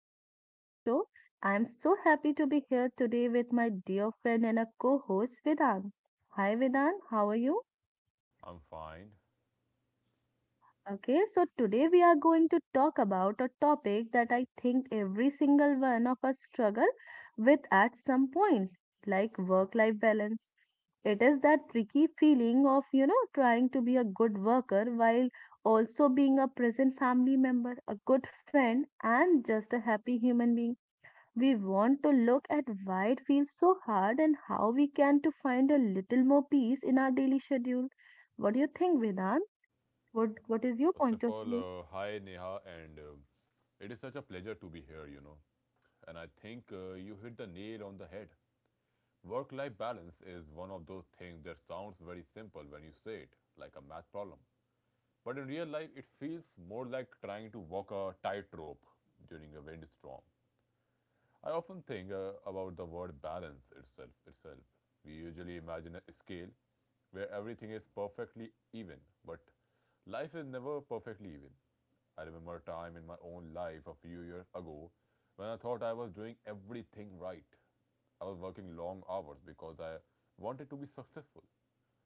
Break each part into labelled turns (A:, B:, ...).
A: Welcome to the show. I'm so happy to be here today with my dear friend and a co host, Vedant. Hi, Vedant. How are you?
B: I'm fine.
A: Okay, so today we are going to talk about a topic that I think every single one of us struggle with at some point, like work life balance. It is that tricky feeling of, trying to be a good worker while also being a present family member, a good friend, and just a happy human being. We want to look at why it feels so hard and how we can to find a little more peace in our daily schedule. What do you think, Vedant? What is your
B: First of
A: point of
B: all,
A: view?
B: hi Neha, and it is such a pleasure to be here, you know. And I think you hit the nail on the head. Work life balance is one of those things that sounds very simple when you say it, like a math problem. But in real life, it feels more like trying to walk a tightrope during a windstorm. I often think about the word balance itself. Itself, we usually imagine a scale where everything is perfectly even, but life is never perfectly even. I remember a time in my own life a few years ago when I thought I was doing everything right. I was working long hours because I wanted to be successful,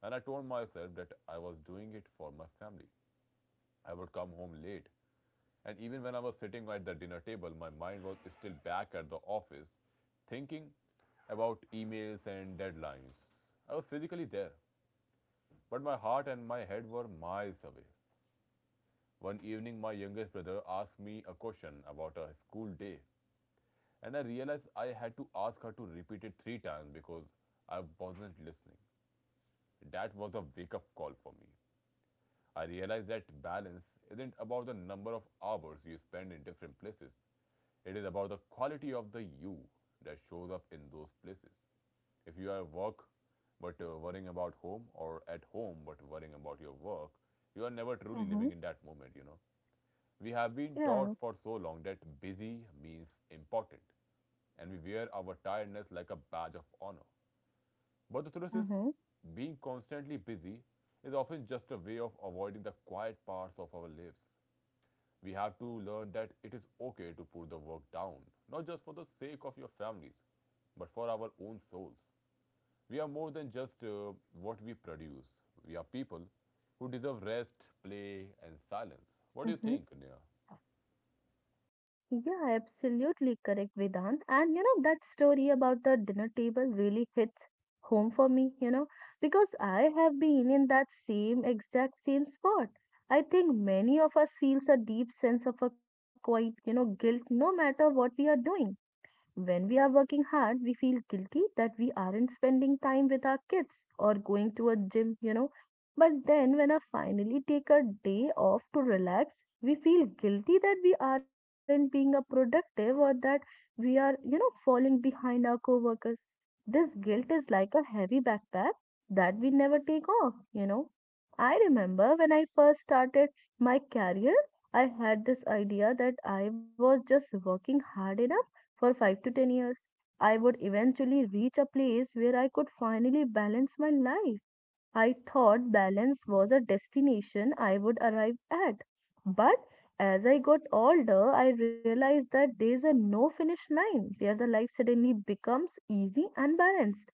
B: and I told myself that I was doing it for my family. I would come home late, and even when I was sitting at the dinner table, my mind was still back at the office, thinking about emails and deadlines. I was physically there, but my heart and my head were miles away. One evening, my youngest brother asked me a question about a school day, and I realized I had to ask her to repeat it three times because I wasn't listening. That was a wake up call for me. I realized that balance isn't about the number of hours you spend in different places. It is about the quality of the you that shows up in those places. If you are at work but worrying about home, or at home but worrying about your work, you are never truly
A: Mm-hmm.
B: living in that moment. We have been taught
A: Yeah.
B: for so long that busy means important, and we wear our tiredness like a badge of honor. But the truth is,
A: Mm-hmm.
B: being constantly busy is often just a way of avoiding the quiet parts of our lives. We have to learn that it is okay to put the work down, not just for the sake of your families, but for our own souls. We are more than just what we produce. We are people who deserve rest, play, and silence. What do you
A: Mm-hmm.
B: think, Nia?
A: Yeah, absolutely correct, Vedant. And you know that story about the dinner table really hits home for me, you know, because I have been in that same exact same spot. I think many of us feels a deep sense of a quite, you know, guilt no matter what we are doing. When we are working hard, we feel guilty that we aren't spending time with our kids or going to a gym, you know. But then, when I finally take a day off to relax, we feel guilty that we aren't being a productive or that we are, you know, falling behind our coworkers. This guilt is like a heavy backpack that we never take off, you know. I remember when I first started my career, I had this idea that I was just working hard enough for 5 to 10 years. I would eventually reach a place where I could finally balance my life. I thought balance was a destination I would arrive at. But as I got older, I realized that there is a no finish line where the life suddenly becomes easy and balanced.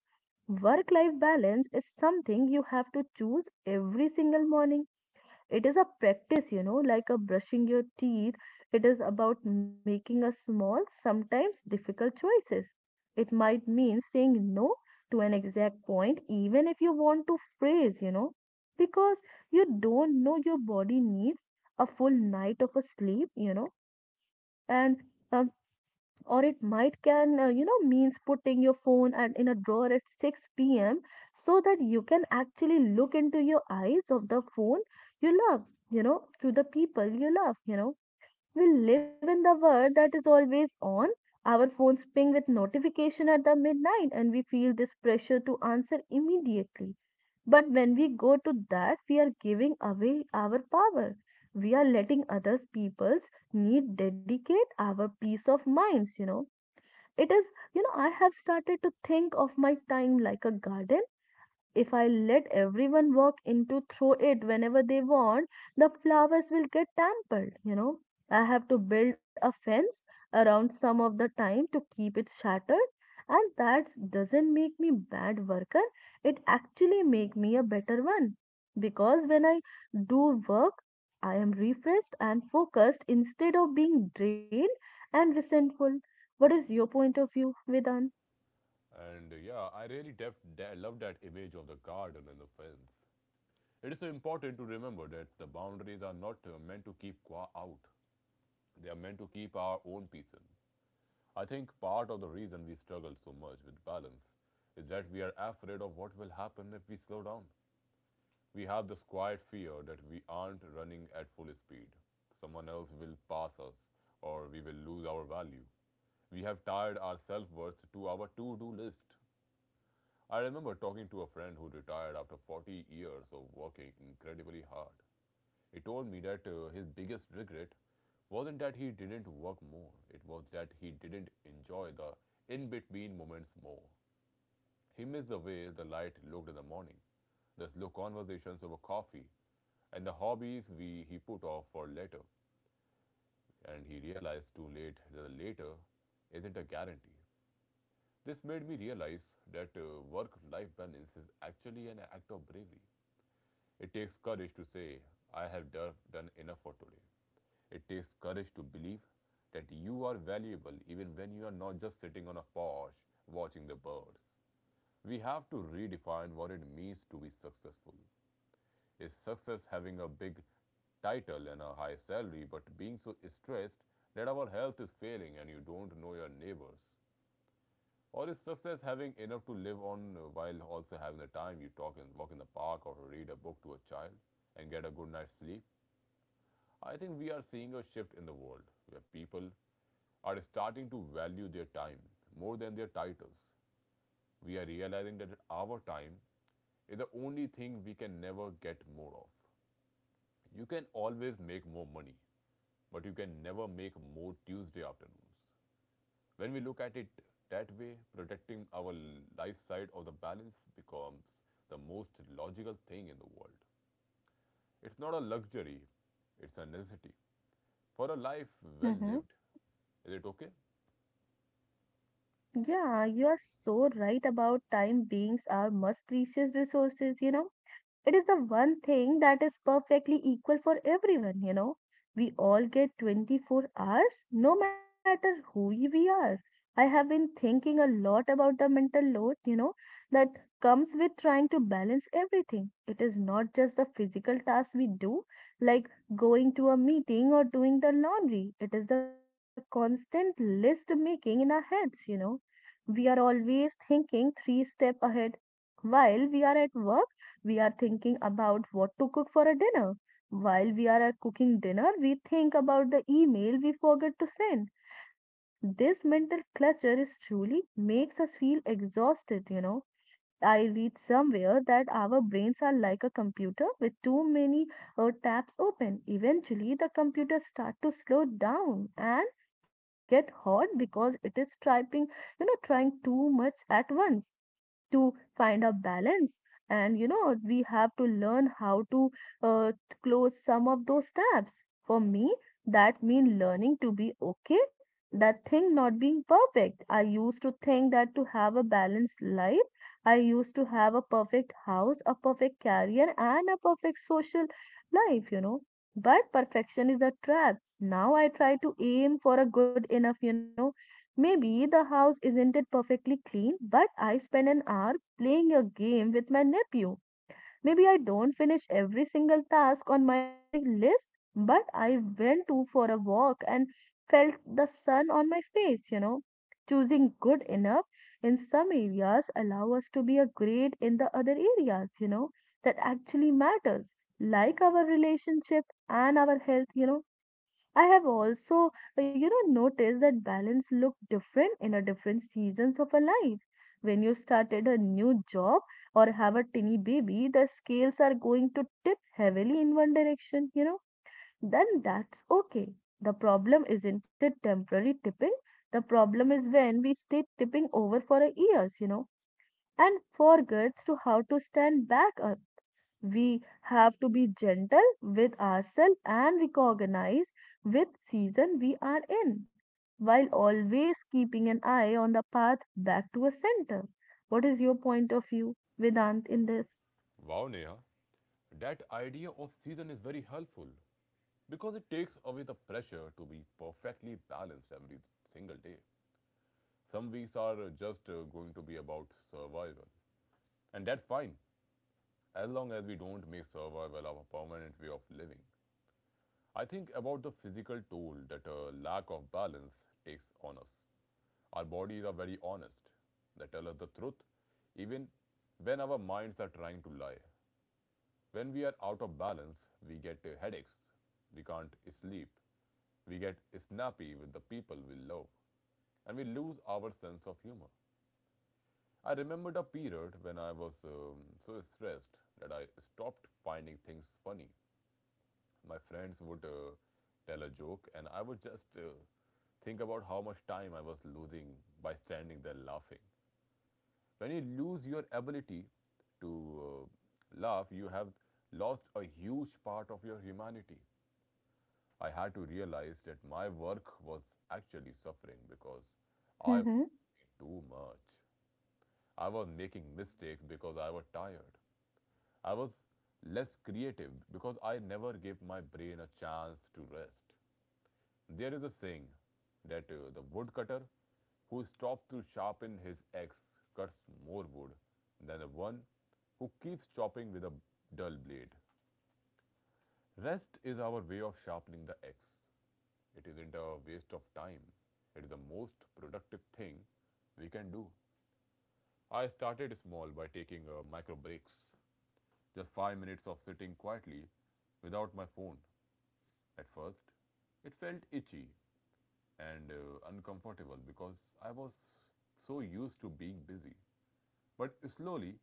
A: Work life balance is something you have to choose every single morning. It is a practice, you know, like a brushing your teeth. It is about making a small, sometimes difficult choices. It might mean saying no to an exact point, even if you want to phrase, you know, because you don't know your body needs a full night of a sleep, you know, and uh, or it might can you know means putting your phone and in a drawer at 6 p.m., so that you can actually look into your eyes of the phone you love, you know, to the people you love, you know. We live in the world that is always on. Our phones ping with notification at the midnight and we feel this pressure to answer immediately, but when we go to that we are giving away our power. We are letting others people's need dedicate our peace of minds, you know. It is, you know, I have started to think of my time like a garden. If I let everyone walk in to throw it whenever they want, the flowers will get trampled, you know. I have to build a fence around some of the time to keep it shattered. And that doesn't make me bad worker. It actually make me a better one. Because when I do work, I am refreshed and focused instead of being drained and resentful. What is your point of view, Vedan?
B: And yeah, I really love that image of the garden and the fence. It is so important to remember that the boundaries are not meant to keep qua out. They are meant to keep our own peace in. I think part of the reason we struggle so much with balance is that we are afraid of what will happen if we slow down. We have this quiet fear that we aren't running at full speed. Someone else will pass us, or we will lose our value. We have tied our self worth to our to do list. I remember talking to a friend who retired after 40 years of working incredibly hard. He told me that his biggest regret wasn't that he didn't work more, it was that he didn't enjoy the in between moments more. He missed the way the light looked in the morning, the slow conversations over coffee, and the hobbies he put off for later. And he realized too late that the later isn't a guarantee. This made me realize that work life balance is actually an act of bravery. It takes courage to say, I have done enough for today. It takes courage to believe that you are valuable even when you are not just sitting on a porch watching the birds. We have to redefine what it means to be successful. Is success having a big title and a high salary but being so stressed that our health is failing and you don't know your neighbors? Or is success having enough to live on while also having the time you talk and walk in the park or read a book to a child and get a good night's sleep? I think we are seeing a shift in the world where people are starting to value their time more than their titles. We are realizing that our time is the only thing we can never get more of. You can always make more money, but you can never make more Tuesday afternoons. When we look at it that way, protecting our life side of the balance becomes the most logical thing in the world. It's not a luxury, it's a necessity for a life well lived. Is it okay?
A: Yeah, you are so right about time beings are most precious resources, you know. It is the one thing that is perfectly equal for everyone, you know. We all get 24 hours, no matter who we are. I have been thinking a lot about the mental load, you know, that comes with trying to balance everything. It is not just the physical tasks we do, like going to a meeting or doing the laundry. It is the constant list making in our heads, you know. We are always thinking three steps ahead. While we are at work we are thinking about what to cook for a dinner. While we are cooking dinner, we think about the email we forgot to send. This mental clutter is truly makes us feel exhausted, you know. I read somewhere that our brains are like a computer with too many tabs open. Eventually, the computer start to slow down and get hot because it is typing, you know, trying too much at once to find a balance. And you know we have to learn how to uh, close some of those tabs. For me that means learning to be okay that thing not being perfect. I used to think that to have a balanced life, I used to have a perfect house, a perfect career and a perfect social life, you know. But perfection is a trap. Now I try to aim for a good enough, you know. Maybe the house isn't it perfectly clean, but I spend an hour playing a game with my nephew. Maybe I don't finish every single task on my list, but I went to for a walk and felt the sun on my face, you know. Choosing good enough in some areas allow us to be a great in the other areas, you know, that actually matters, like our relationship and our health, you know. I have also, you know, noticed that balance look different in a different seasons of a life. When you started a new job or have a tiny baby, the scales are going to tip heavily in one direction, you know. Then that's okay. The problem isn't it temporary tipping. The problem is when we stay tipping over for a years, you know, and forgets to how to stand back. We have to be gentle with ourselves and recognize which season we are in, while always keeping an eye on the path back to a center. What is your point of view, Vedant, in this?
B: Wow, Neha. That idea of season is very helpful because it takes away the pressure to be perfectly balanced every single day. Some weeks are just going to be about survival, and that's fine as long as we don't make survival our permanent way of living. I think about the physical toll that a lack of balance takes on us. Our bodies are very honest, they tell us the truth, even when our minds are trying to lie. When we are out of balance, we get headaches, we can't sleep, we get snappy with the people we love, and we lose our sense of humor. I remembered a period when I was so stressed that I stopped finding things funny. My friends would tell a joke, and I would just think about how much time I was losing by standing there laughing. When you lose your ability to laugh, you have lost a huge part of your humanity. I had to realize that my work was actually suffering because I was
A: Mm-hmm.
B: doing too much. I was making mistakes because I was tired. I was less creative because I never gave my brain a chance to rest. There is a saying that the woodcutter who stops to sharpen his axe cuts more wood than the one who keeps chopping with a dull blade. Rest is our way of sharpening the axe. It isn't a waste of time. It is the most productive thing we can do. I started small by taking micro breaks, just 5 minutes of sitting quietly without my phone. At first, it felt itchy and uncomfortable because I was so used to being busy. But slowly,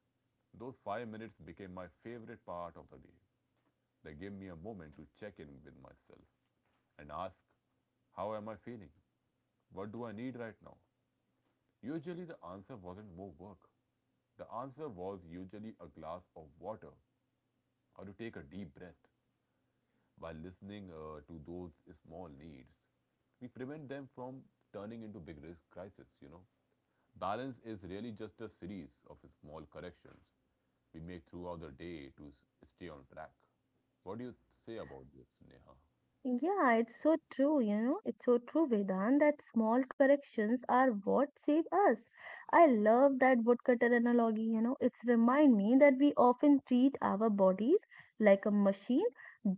B: those 5 minutes became my favorite part of the day. They gave me a moment to check in with myself and ask, how am I feeling? What do I need right now? Usually, the answer wasn't more work. The answer was usually a glass of water or to take a deep breath. By listening to those small needs, we prevent them from turning into big risk crisis. Balance is really just a series of small corrections we make throughout the day to stay on track. What do you say about this, Neha?
A: Yeah, it's so true, you know, it's so true, Vedant, that small corrections are what save us. I love that woodcutter analogy, you know, it's remind me that we often treat our bodies like a machine,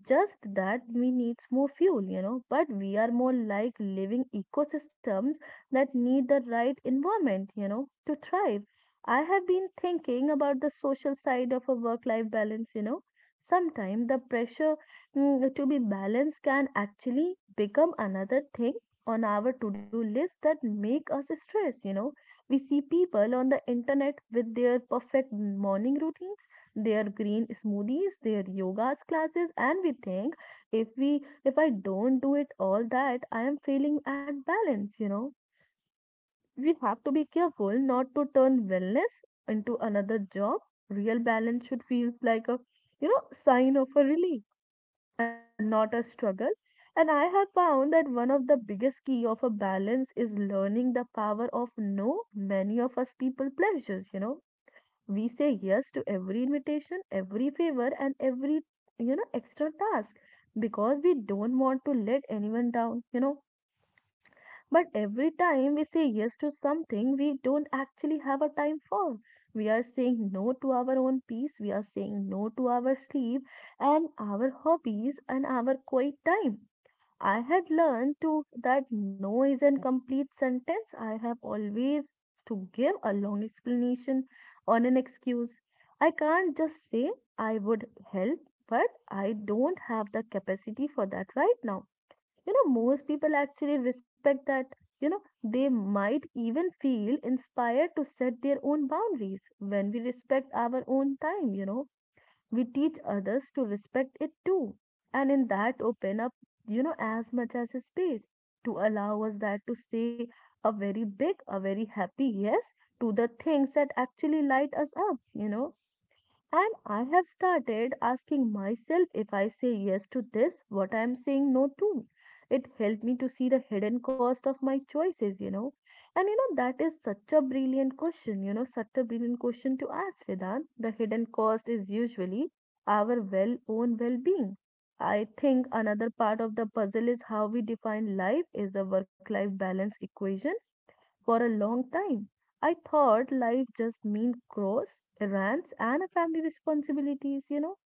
A: just that we need more fuel, you know, but we are more like living ecosystems that need the right environment, you know, to thrive. I have been thinking about the social side of a work-life balance, you know. Sometimes the pressure, to be balanced can actually become another thing on our to-do list that make us stress, you know. We see people on the internet with their perfect morning routines, their green smoothies, their yogas classes, and we think, if we if I don't do it all that I am failing at balance, you know. We have to be careful not to turn wellness into another job. Real balance should feels like a, you know, sign of a relief and not a struggle. And I have found that one of the biggest key of a balance is learning the power of no. Many of us people pleasures, you know. We say yes to every invitation, every favor, and every, you know, extra task, because we don't want to let anyone down, you know. But every time we say yes to something we don't actually have a time for, we are saying no to our own peace, we are saying no to our sleep and our hobbies and our quiet time. I had learned to that no is an complete sentence. I have always to give a long explanation on an excuse. I can't just say I would help, but I don't have the capacity for that right now, you know. Most people actually respect that, you know. They might even feel inspired to set their own boundaries. When we respect our own time, you know, we teach others to respect it too. And in that open up, you know, as much as a space to allow us that to say a very big, a very happy yes to the things that actually light us up, you know. And I have started asking myself, if I say yes to this, what I am saying no to. It helped me to see the hidden cost of my choices, you know. And you know, that is such a brilliant question, you know, such a brilliant question to ask, Vedant. The hidden cost is usually our well own well being. I think another part of the puzzle is how we define life is the work life balance equation for a long time. I thought life just meant chores, errands, and a family responsibilities, you know.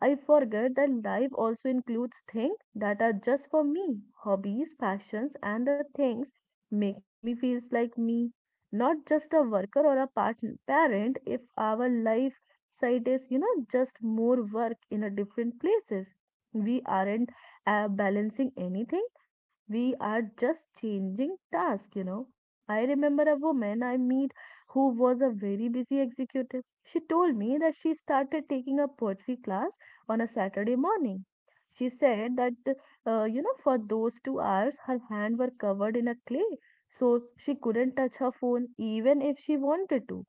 A: I forget that life also includes things that are just for me, hobbies, passions, and the things make me feel like me, not just a worker or a partner, parent. If our life side is, you know, just more work in a different places, we aren't balancing anything. We are just changing task, you know. I remember a woman I meet who was a very busy executive. She told me that she started taking a poetry class on a Saturday morning. She said that, for those 2 hours, her hands were covered in a clay, so she couldn't touch her phone even if she wanted to.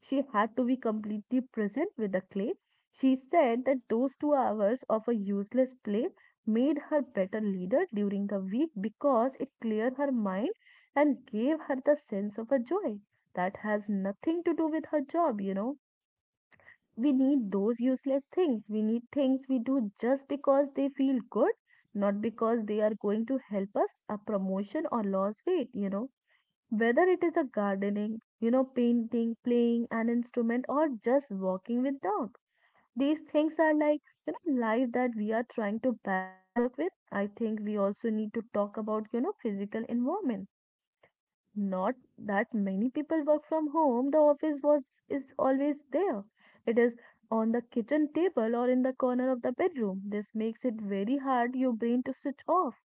A: She had to be completely present with the clay. She said that those 2 hours of a useless play made her better leader during the week because it cleared her mind and gave her the sense of a joy that has nothing to do with her job. We need those useless things. We need things we do just because they feel good, not because they are going to help us a promotion or lose weight. Whether it is a gardening, painting, playing an instrument, or just walking with dog. These things are like life that we are trying to balance work with. I think we also need to talk about, physical environment not that many people work from home. The office was is always there. It is on the kitchen table or in the corner of the bedroom. This makes it very hard your brain to switch off.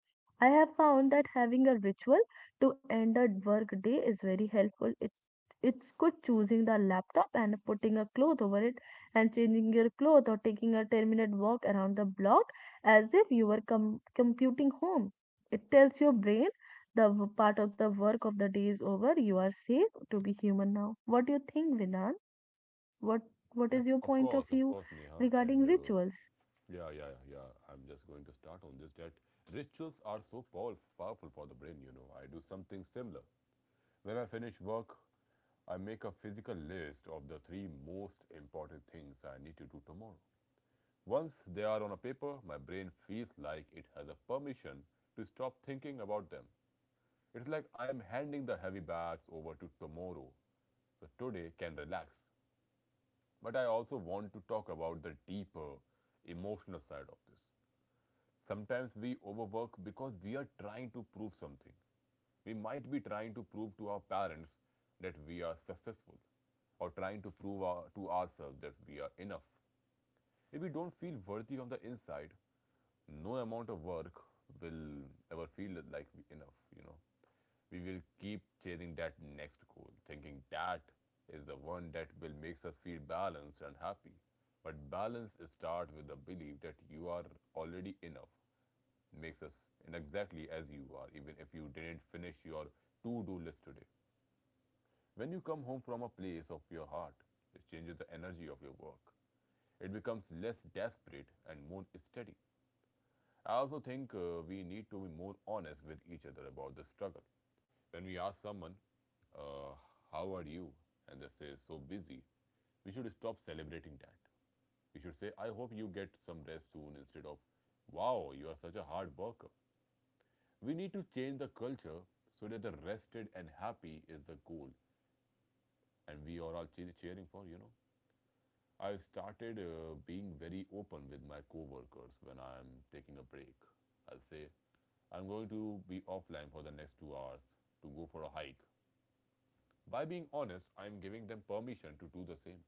A: I have found that having a ritual to end a work day is very helpful. It's good choosing the laptop and putting a cloth over it and changing your clothes or taking a 10-minute walk around the block as if you were computing home. It tells your brain the part of the work of the day is over. You are safe to be human now. What do you think, Vinan? What What
B: Yes,
A: is your point of
B: of
A: view
B: course, Neha. And
A: regarding rituals?
B: yeah, yeah, yeah, yeah, I'm just going to start on this that rituals are so powerful for the brain, you know. I do something similar. When I finish work, I make a physical list of the three most important things I need to do tomorrow. Once they are on a paper, my brain feels like it has a permission to stop thinking about them. It's like I'm handing the heavy bags over to tomorrow, so today can relax. But I also want to talk about the deeper emotional side of this. Sometimes we overwork because we are trying to prove something. We might be trying to prove to our parents that we are successful, or trying to prove to ourselves that we are enough. If we don't feel worthy on the inside, no amount of work will ever feel like enough, you know. We will keep chasing that next goal, thinking that is the one that will makes us feel balanced and happy. But balance starts with the belief that you are already enough, makes us in exactly as you are, even if you didn't finish your to-do list today. When you come home from a place of your heart, it changes the energy of your work. It becomes less desperate and more steady. I also think we need to be more honest with each other about the struggle. When we ask someone, uh, how are you? And they say, so busy, we should stop celebrating that. We should say, I hope you get some rest soon, instead of, wow, you are such a hard worker. We need to change the culture so that the rested and happy is the goal and we are all cheering for, you know. I have started being very open with my co-workers when I'm taking a break. I'll say, I'm going to be offline for the next 2 hours to go for a hike. By being honest, I'm giving them permission to do the same.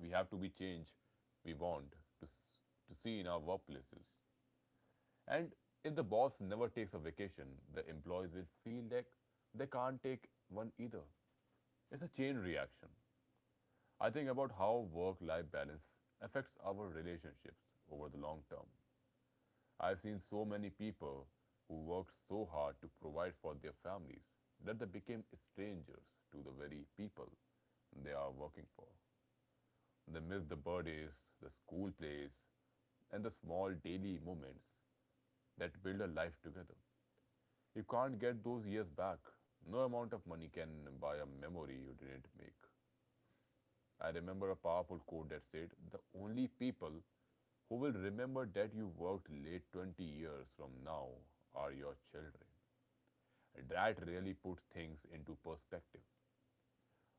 B: We have to be change we want to, to see in our workplaces. And if the boss never takes a vacation, the employees will feel that they can't take one either. It's a chain reaction. I think about how work life balance affects our relationships over the long term. I've seen so many people who worked so hard to provide for their families that they became strangers to the very people they are working for. They miss the birthdays, the school plays, and the small daily moments that build a life together. You can't get those years back. No amount of money can buy a memory you didn't make. I remember a powerful quote that said, "The only people who will remember that you worked late 20 years from now are your children." That really put things into perspective.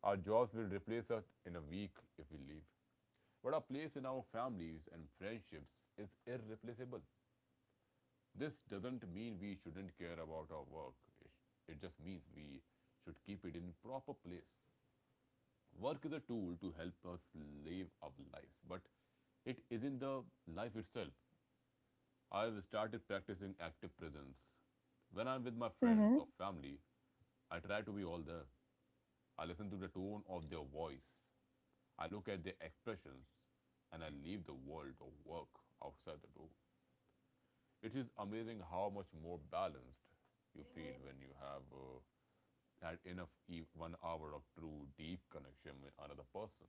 B: Our jobs will replace us in a week if we leave. But our place in our families and friendships is irreplaceable. This doesn't mean we shouldn't care about our work. It just means we should keep it in proper place. Work is a tool to help us live our lives, but it isn't the life itself. I've started practicing active presence. When I'm with my friends
A: Mm-hmm.
B: or family, I try to be all there. I listen to the tone of their voice. I look at their expressions and I leave the world of work outside the door. It is amazing how much more balanced you feel when you have 1 hour of true deep connection with another person.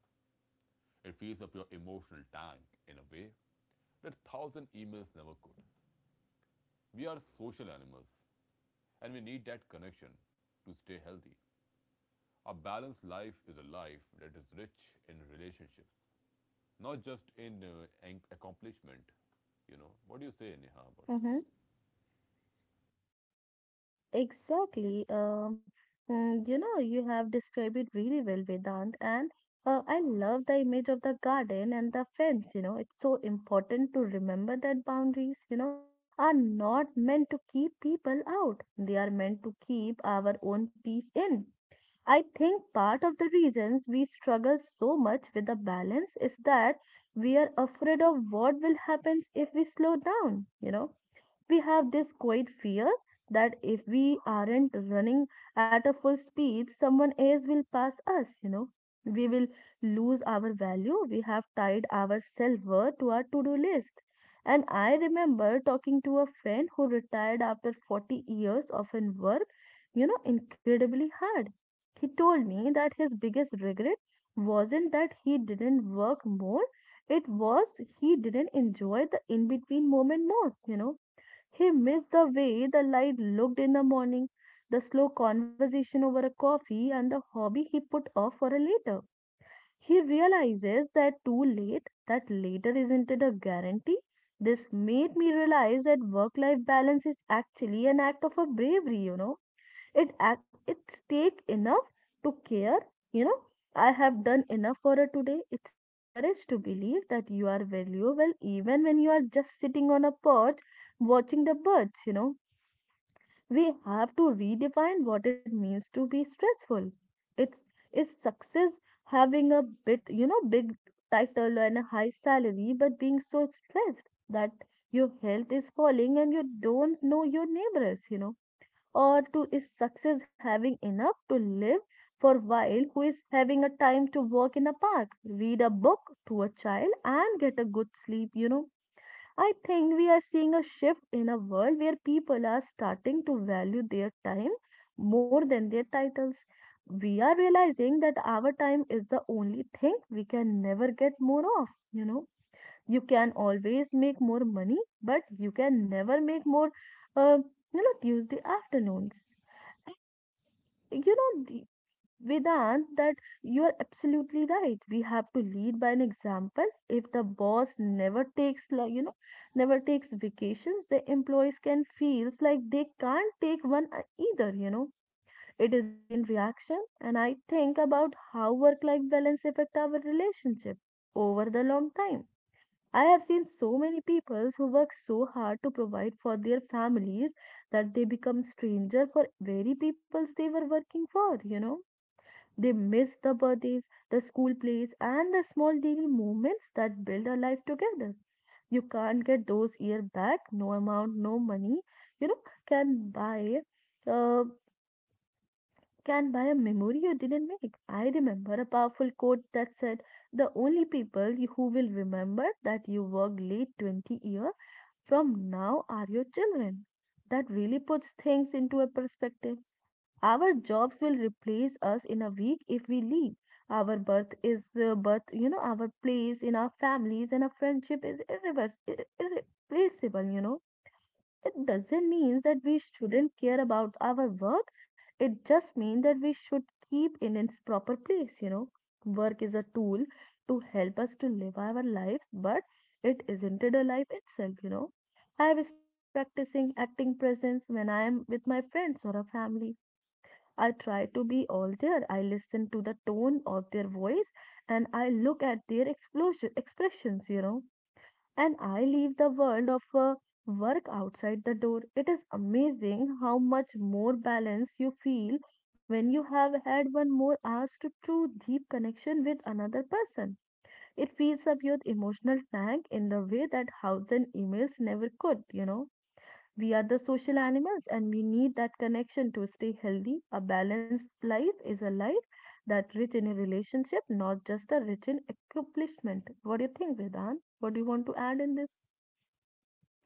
B: It fills up your emotional tank in a way that a thousand emails never could. We are social animals and we need that connection to stay healthy. A balanced life is a life that is rich in relationships, not just in accomplishment. You know, what do you say, Neha, about this?
A: Mm-hmm. Exactly. You have described it really well, Vedant, and I love the image of the garden and the fence. You know, it's so important to remember that boundaries, are not meant to keep people out. They are meant to keep our own peace in. I think part of the reasons we struggle so much with the balance is that we are afraid of what will happen if we slow down, you know we have this quiet fear that if we aren't running at a full speed, someone else will pass us, you know. We will lose our value. We have tied our self worth to our to do list. And I remember talking to a friend who retired after 40 years of in work, incredibly hard. He told me that his biggest regret wasn't that he didn't work more, it was he didn't enjoy the in between moment more, you know he missed the way the light looked in the morning, the slow conversation over a coffee, and the hobby he put off for a later. He realizes that too late, that later isn't it a guarantee? This made me realize that work life balance is actually an act of a bravery, you know it act it's take enough to care you know I have done enough for her today it's take courage to believe that you are valuable even when you are just sitting on a porch watching the birds you know we have to redefine what it means to be stressful it's is success having a bit you know big title and a high salary but being so stressed that your health is falling and you don't know your neighbors you know or to is success having enough to live for while who is having a time to walk in a park read a book to a child and get a good sleep you know I think we are seeing a shift in a world where people are starting to value their time more than their titles we are realizing that our time is the only thing we can never get more of you know you can always make more money but you can never make more uh, you know tuesday afternoons you know, the- Vedant, that you are absolutely right. We have to lead by an example. If the boss never takes, never takes vacations, the employees can feels like they can't take one either. You know, it is a chain reaction. And I think about how work-life balance affect our relationship over the long time. I have seen so many people who work so hard to provide for their families that they become stranger for very peoples they were working for, you know. They miss the birthdays, the school plays, and the small daily moments that build a life together. You can't get those years back, no amount, no money, you know, can buy. Uh, can buy a memory you didn't make. I remember a powerful quote that said, the only people who will remember that you worked late 20 years from now are your children. That really puts things into a perspective. Our jobs will replace us in a week if we leave. Our birth is birth, you know, our place in our families and our friendship is irreversible, irreplaceable, you know. It doesn't mean that we shouldn't care about our work. It just means that we should keep it in its proper place, you know. Work is a tool to help us to live our lives, but it isn't it a life itself, you know. I have started practicing acting presence when I am with my friends or a family. I try to be all there. I listen to the tone of their voice and I look at their explosion, expressions, you know and I leave the world of work outside the door. It is amazing how much more balanced you feel when you have had one more hour to true deep connection with another person. It fills up your emotional tank in the way that house and emails never could, you know. We are the social animals and we need that connection to stay healthy. A balanced life is a life that rich in a relationship, not just a rich in accomplishment. What do you think, Vedan? What do you want to add in this?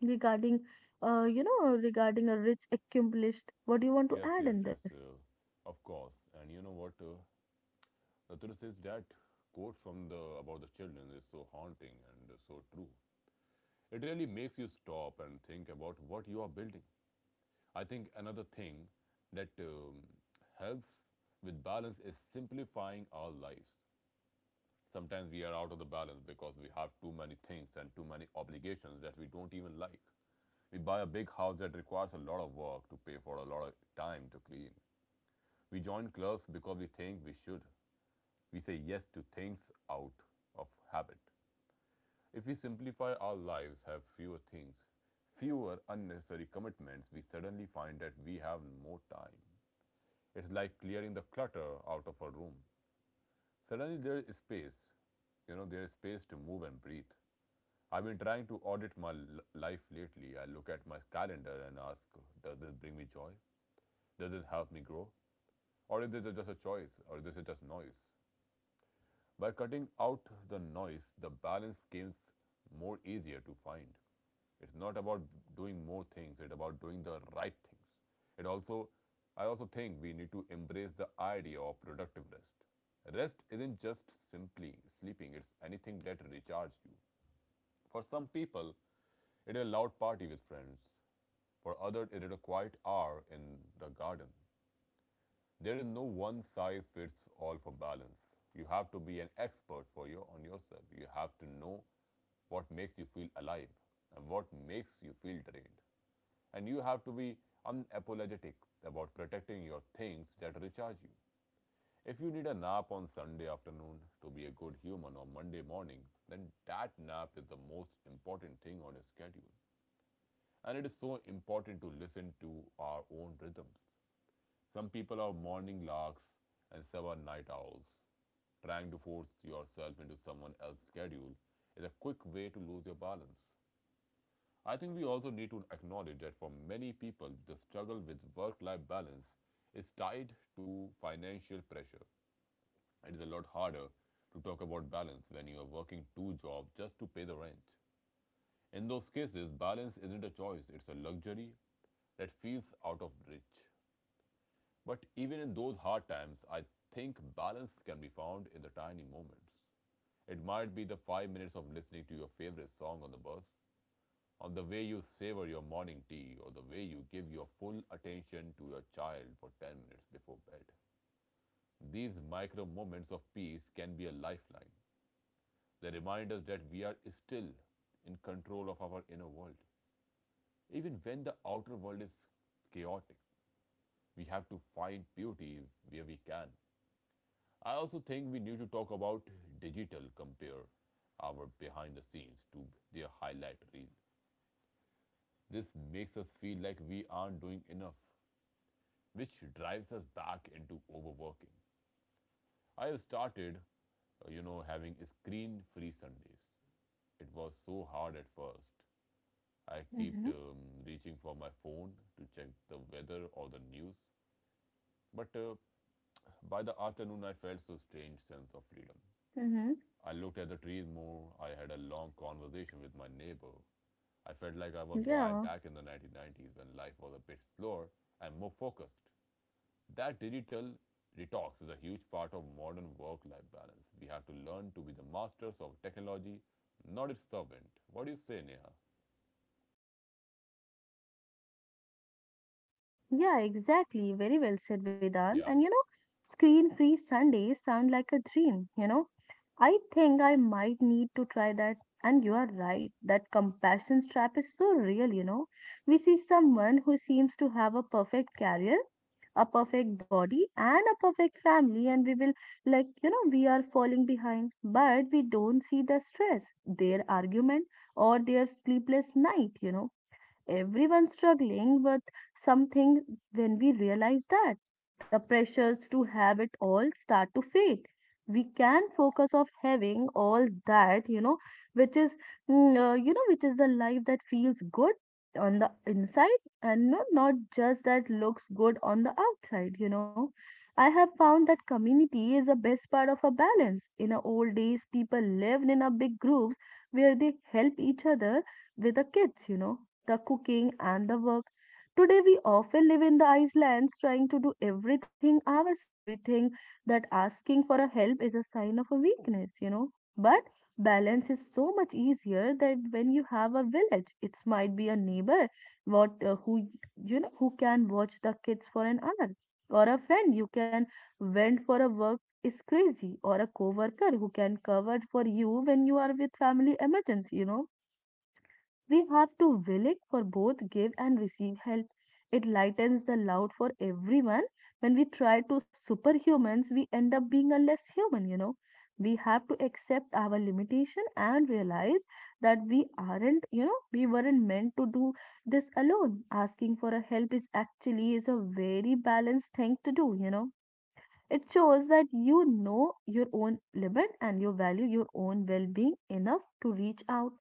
A: Regarding regarding a rich accomplished what do you want to
B: Yes,
A: add
B: yes,
A: in
B: yes,
A: this
B: of course. And you know what? The truth is that quote from the about the children is so haunting and so true. It really makes you stop and think about what you are building. I think another thing that helps with balance is simplifying our lives. Sometimes we are out of the balance because we have too many things and too many obligations that we don't even like. We buy a big house that requires a lot of work to pay for, a lot of time to clean. We join clubs because we think we should. We say yes to things out of habit. If we simplify our lives, have fewer things, fewer unnecessary commitments, we suddenly find that we have more time. It's like clearing the clutter out of a room. Suddenly there is space. You know, there is space to move and breathe. I've been trying to audit my life lately. I look at my calendar and ask, does this bring me joy? Does it help me grow? Or is this just a choice? Or is this just noise? By cutting out the noise, the balance becomes more easier to find. It's not about doing more things, it's about doing the right things. It also I also think we need to embrace the idea of productive rest. Rest isn't just simply sleeping, it's anything that recharges you. For some people, it is a loud party with friends. For others, it is a quiet hour in the garden. There is no one size fits all for balance. You have to be an expert for your on yourself. You have to know what makes you feel alive and what makes you feel drained. And you have to be unapologetic about protecting your things that recharge you. If you need a nap on Sunday afternoon to be a good human on Monday morning, then that nap is the most important thing on your schedule. And it is so important to listen to our own rhythms. Some people are morning larks and some are night owls. Trying to force yourself into someone else's schedule is a quick way to lose your balance. I think we also need to acknowledge that for many people, the struggle with work life balance is tied to financial pressure. It is a lot harder to talk about balance when you are working two jobs just to pay the rent. In those cases, balance isn't a choice, it's a luxury that feels out of reach. But even in those hard times, I think balance can be found in the tiny moments. It might be the 5 minutes of listening to your favorite song on the bus, on the way you savor your morning tea, or the way you give your full attention to your child for 10 minutes before bed. These micro moments of peace can be a lifeline. They remind us that we are still in control of our inner world. Even when the outer world is chaotic, we have to find beauty where we can. I also think we need to talk about digital, compare our behind the scenes to their highlight reel. This makes us feel like we aren't doing enough, which drives us back into overworking. I have started, having screen free Sundays. It was so hard at first. I
A: Mm-hmm.
B: kept reaching for my phone to check the weather or the news, but by the afternoon, I felt so strange sense of freedom.
A: Mm-hmm.
B: I looked at the trees more. I had a long conversation with my neighbor. I felt like I was boy
A: Yeah.
B: back in the 1990s when life was a bit slower and more focused. That digital detox is a huge part of modern work life balance. We have to learn to be the masters of technology, not its servant. What do you say, Neha? No?
A: Yeah, exactly. Very well said, Vedan.
B: Yeah,
A: And you
B: yeah.
A: know, screen free Sundays sound like a dream, you know. I think I might need to try that. And you are right, that compassion trap is so real, you know. We see someone who seems to have a perfect career, a perfect body, and a perfect family, and we will, we are falling behind, but we don't see the stress, their argument, or their sleepless night, you know Everyone struggling with something when we realize that the pressures to have it all start to fade. We can focus of having all that, you know, which is, which is the life that feels good on the inside and no, not just that looks good on the outside, you know. I have found that community is the best part of a balance. In the old days, people lived in a big groups where they help each other with the kids, you know, the cooking and the work. Today, we often live in the islands trying to do everything ourselves. We think that asking for a help is a sign of a weakness, you know. But balance is so much easier that when you have a village, it might be a neighbor what who you know who can watch the kids for an hour, or a friend you can vent for a work is crazy or a coworker who can cover for you when you are with family emergency you know we have to willing for both give and receive help. It lightens the load for everyone. When we try to superhumans, we end up being a less human, you know. We have to accept our limitation and realize that we aren't, we weren't meant to do this alone. Asking for a help is actually is a very balanced thing to do, you know it shows that you know your own limit and you value your own well being enough to reach out.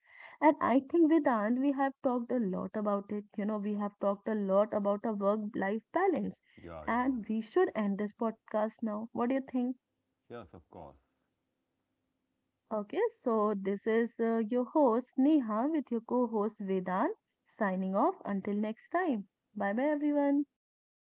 A: And I think, Vedant, we have talked a lot about it. You know, we have talked a lot about a work life balance.
B: Yeah, yeah,
A: And we should end this podcast now. What do you think?
B: yeah. Yes, of course.
A: Okay, so this is your host, Neha, with your co host, Vedant, signing off. Until next time. Bye bye, everyone.
B: Bye bye.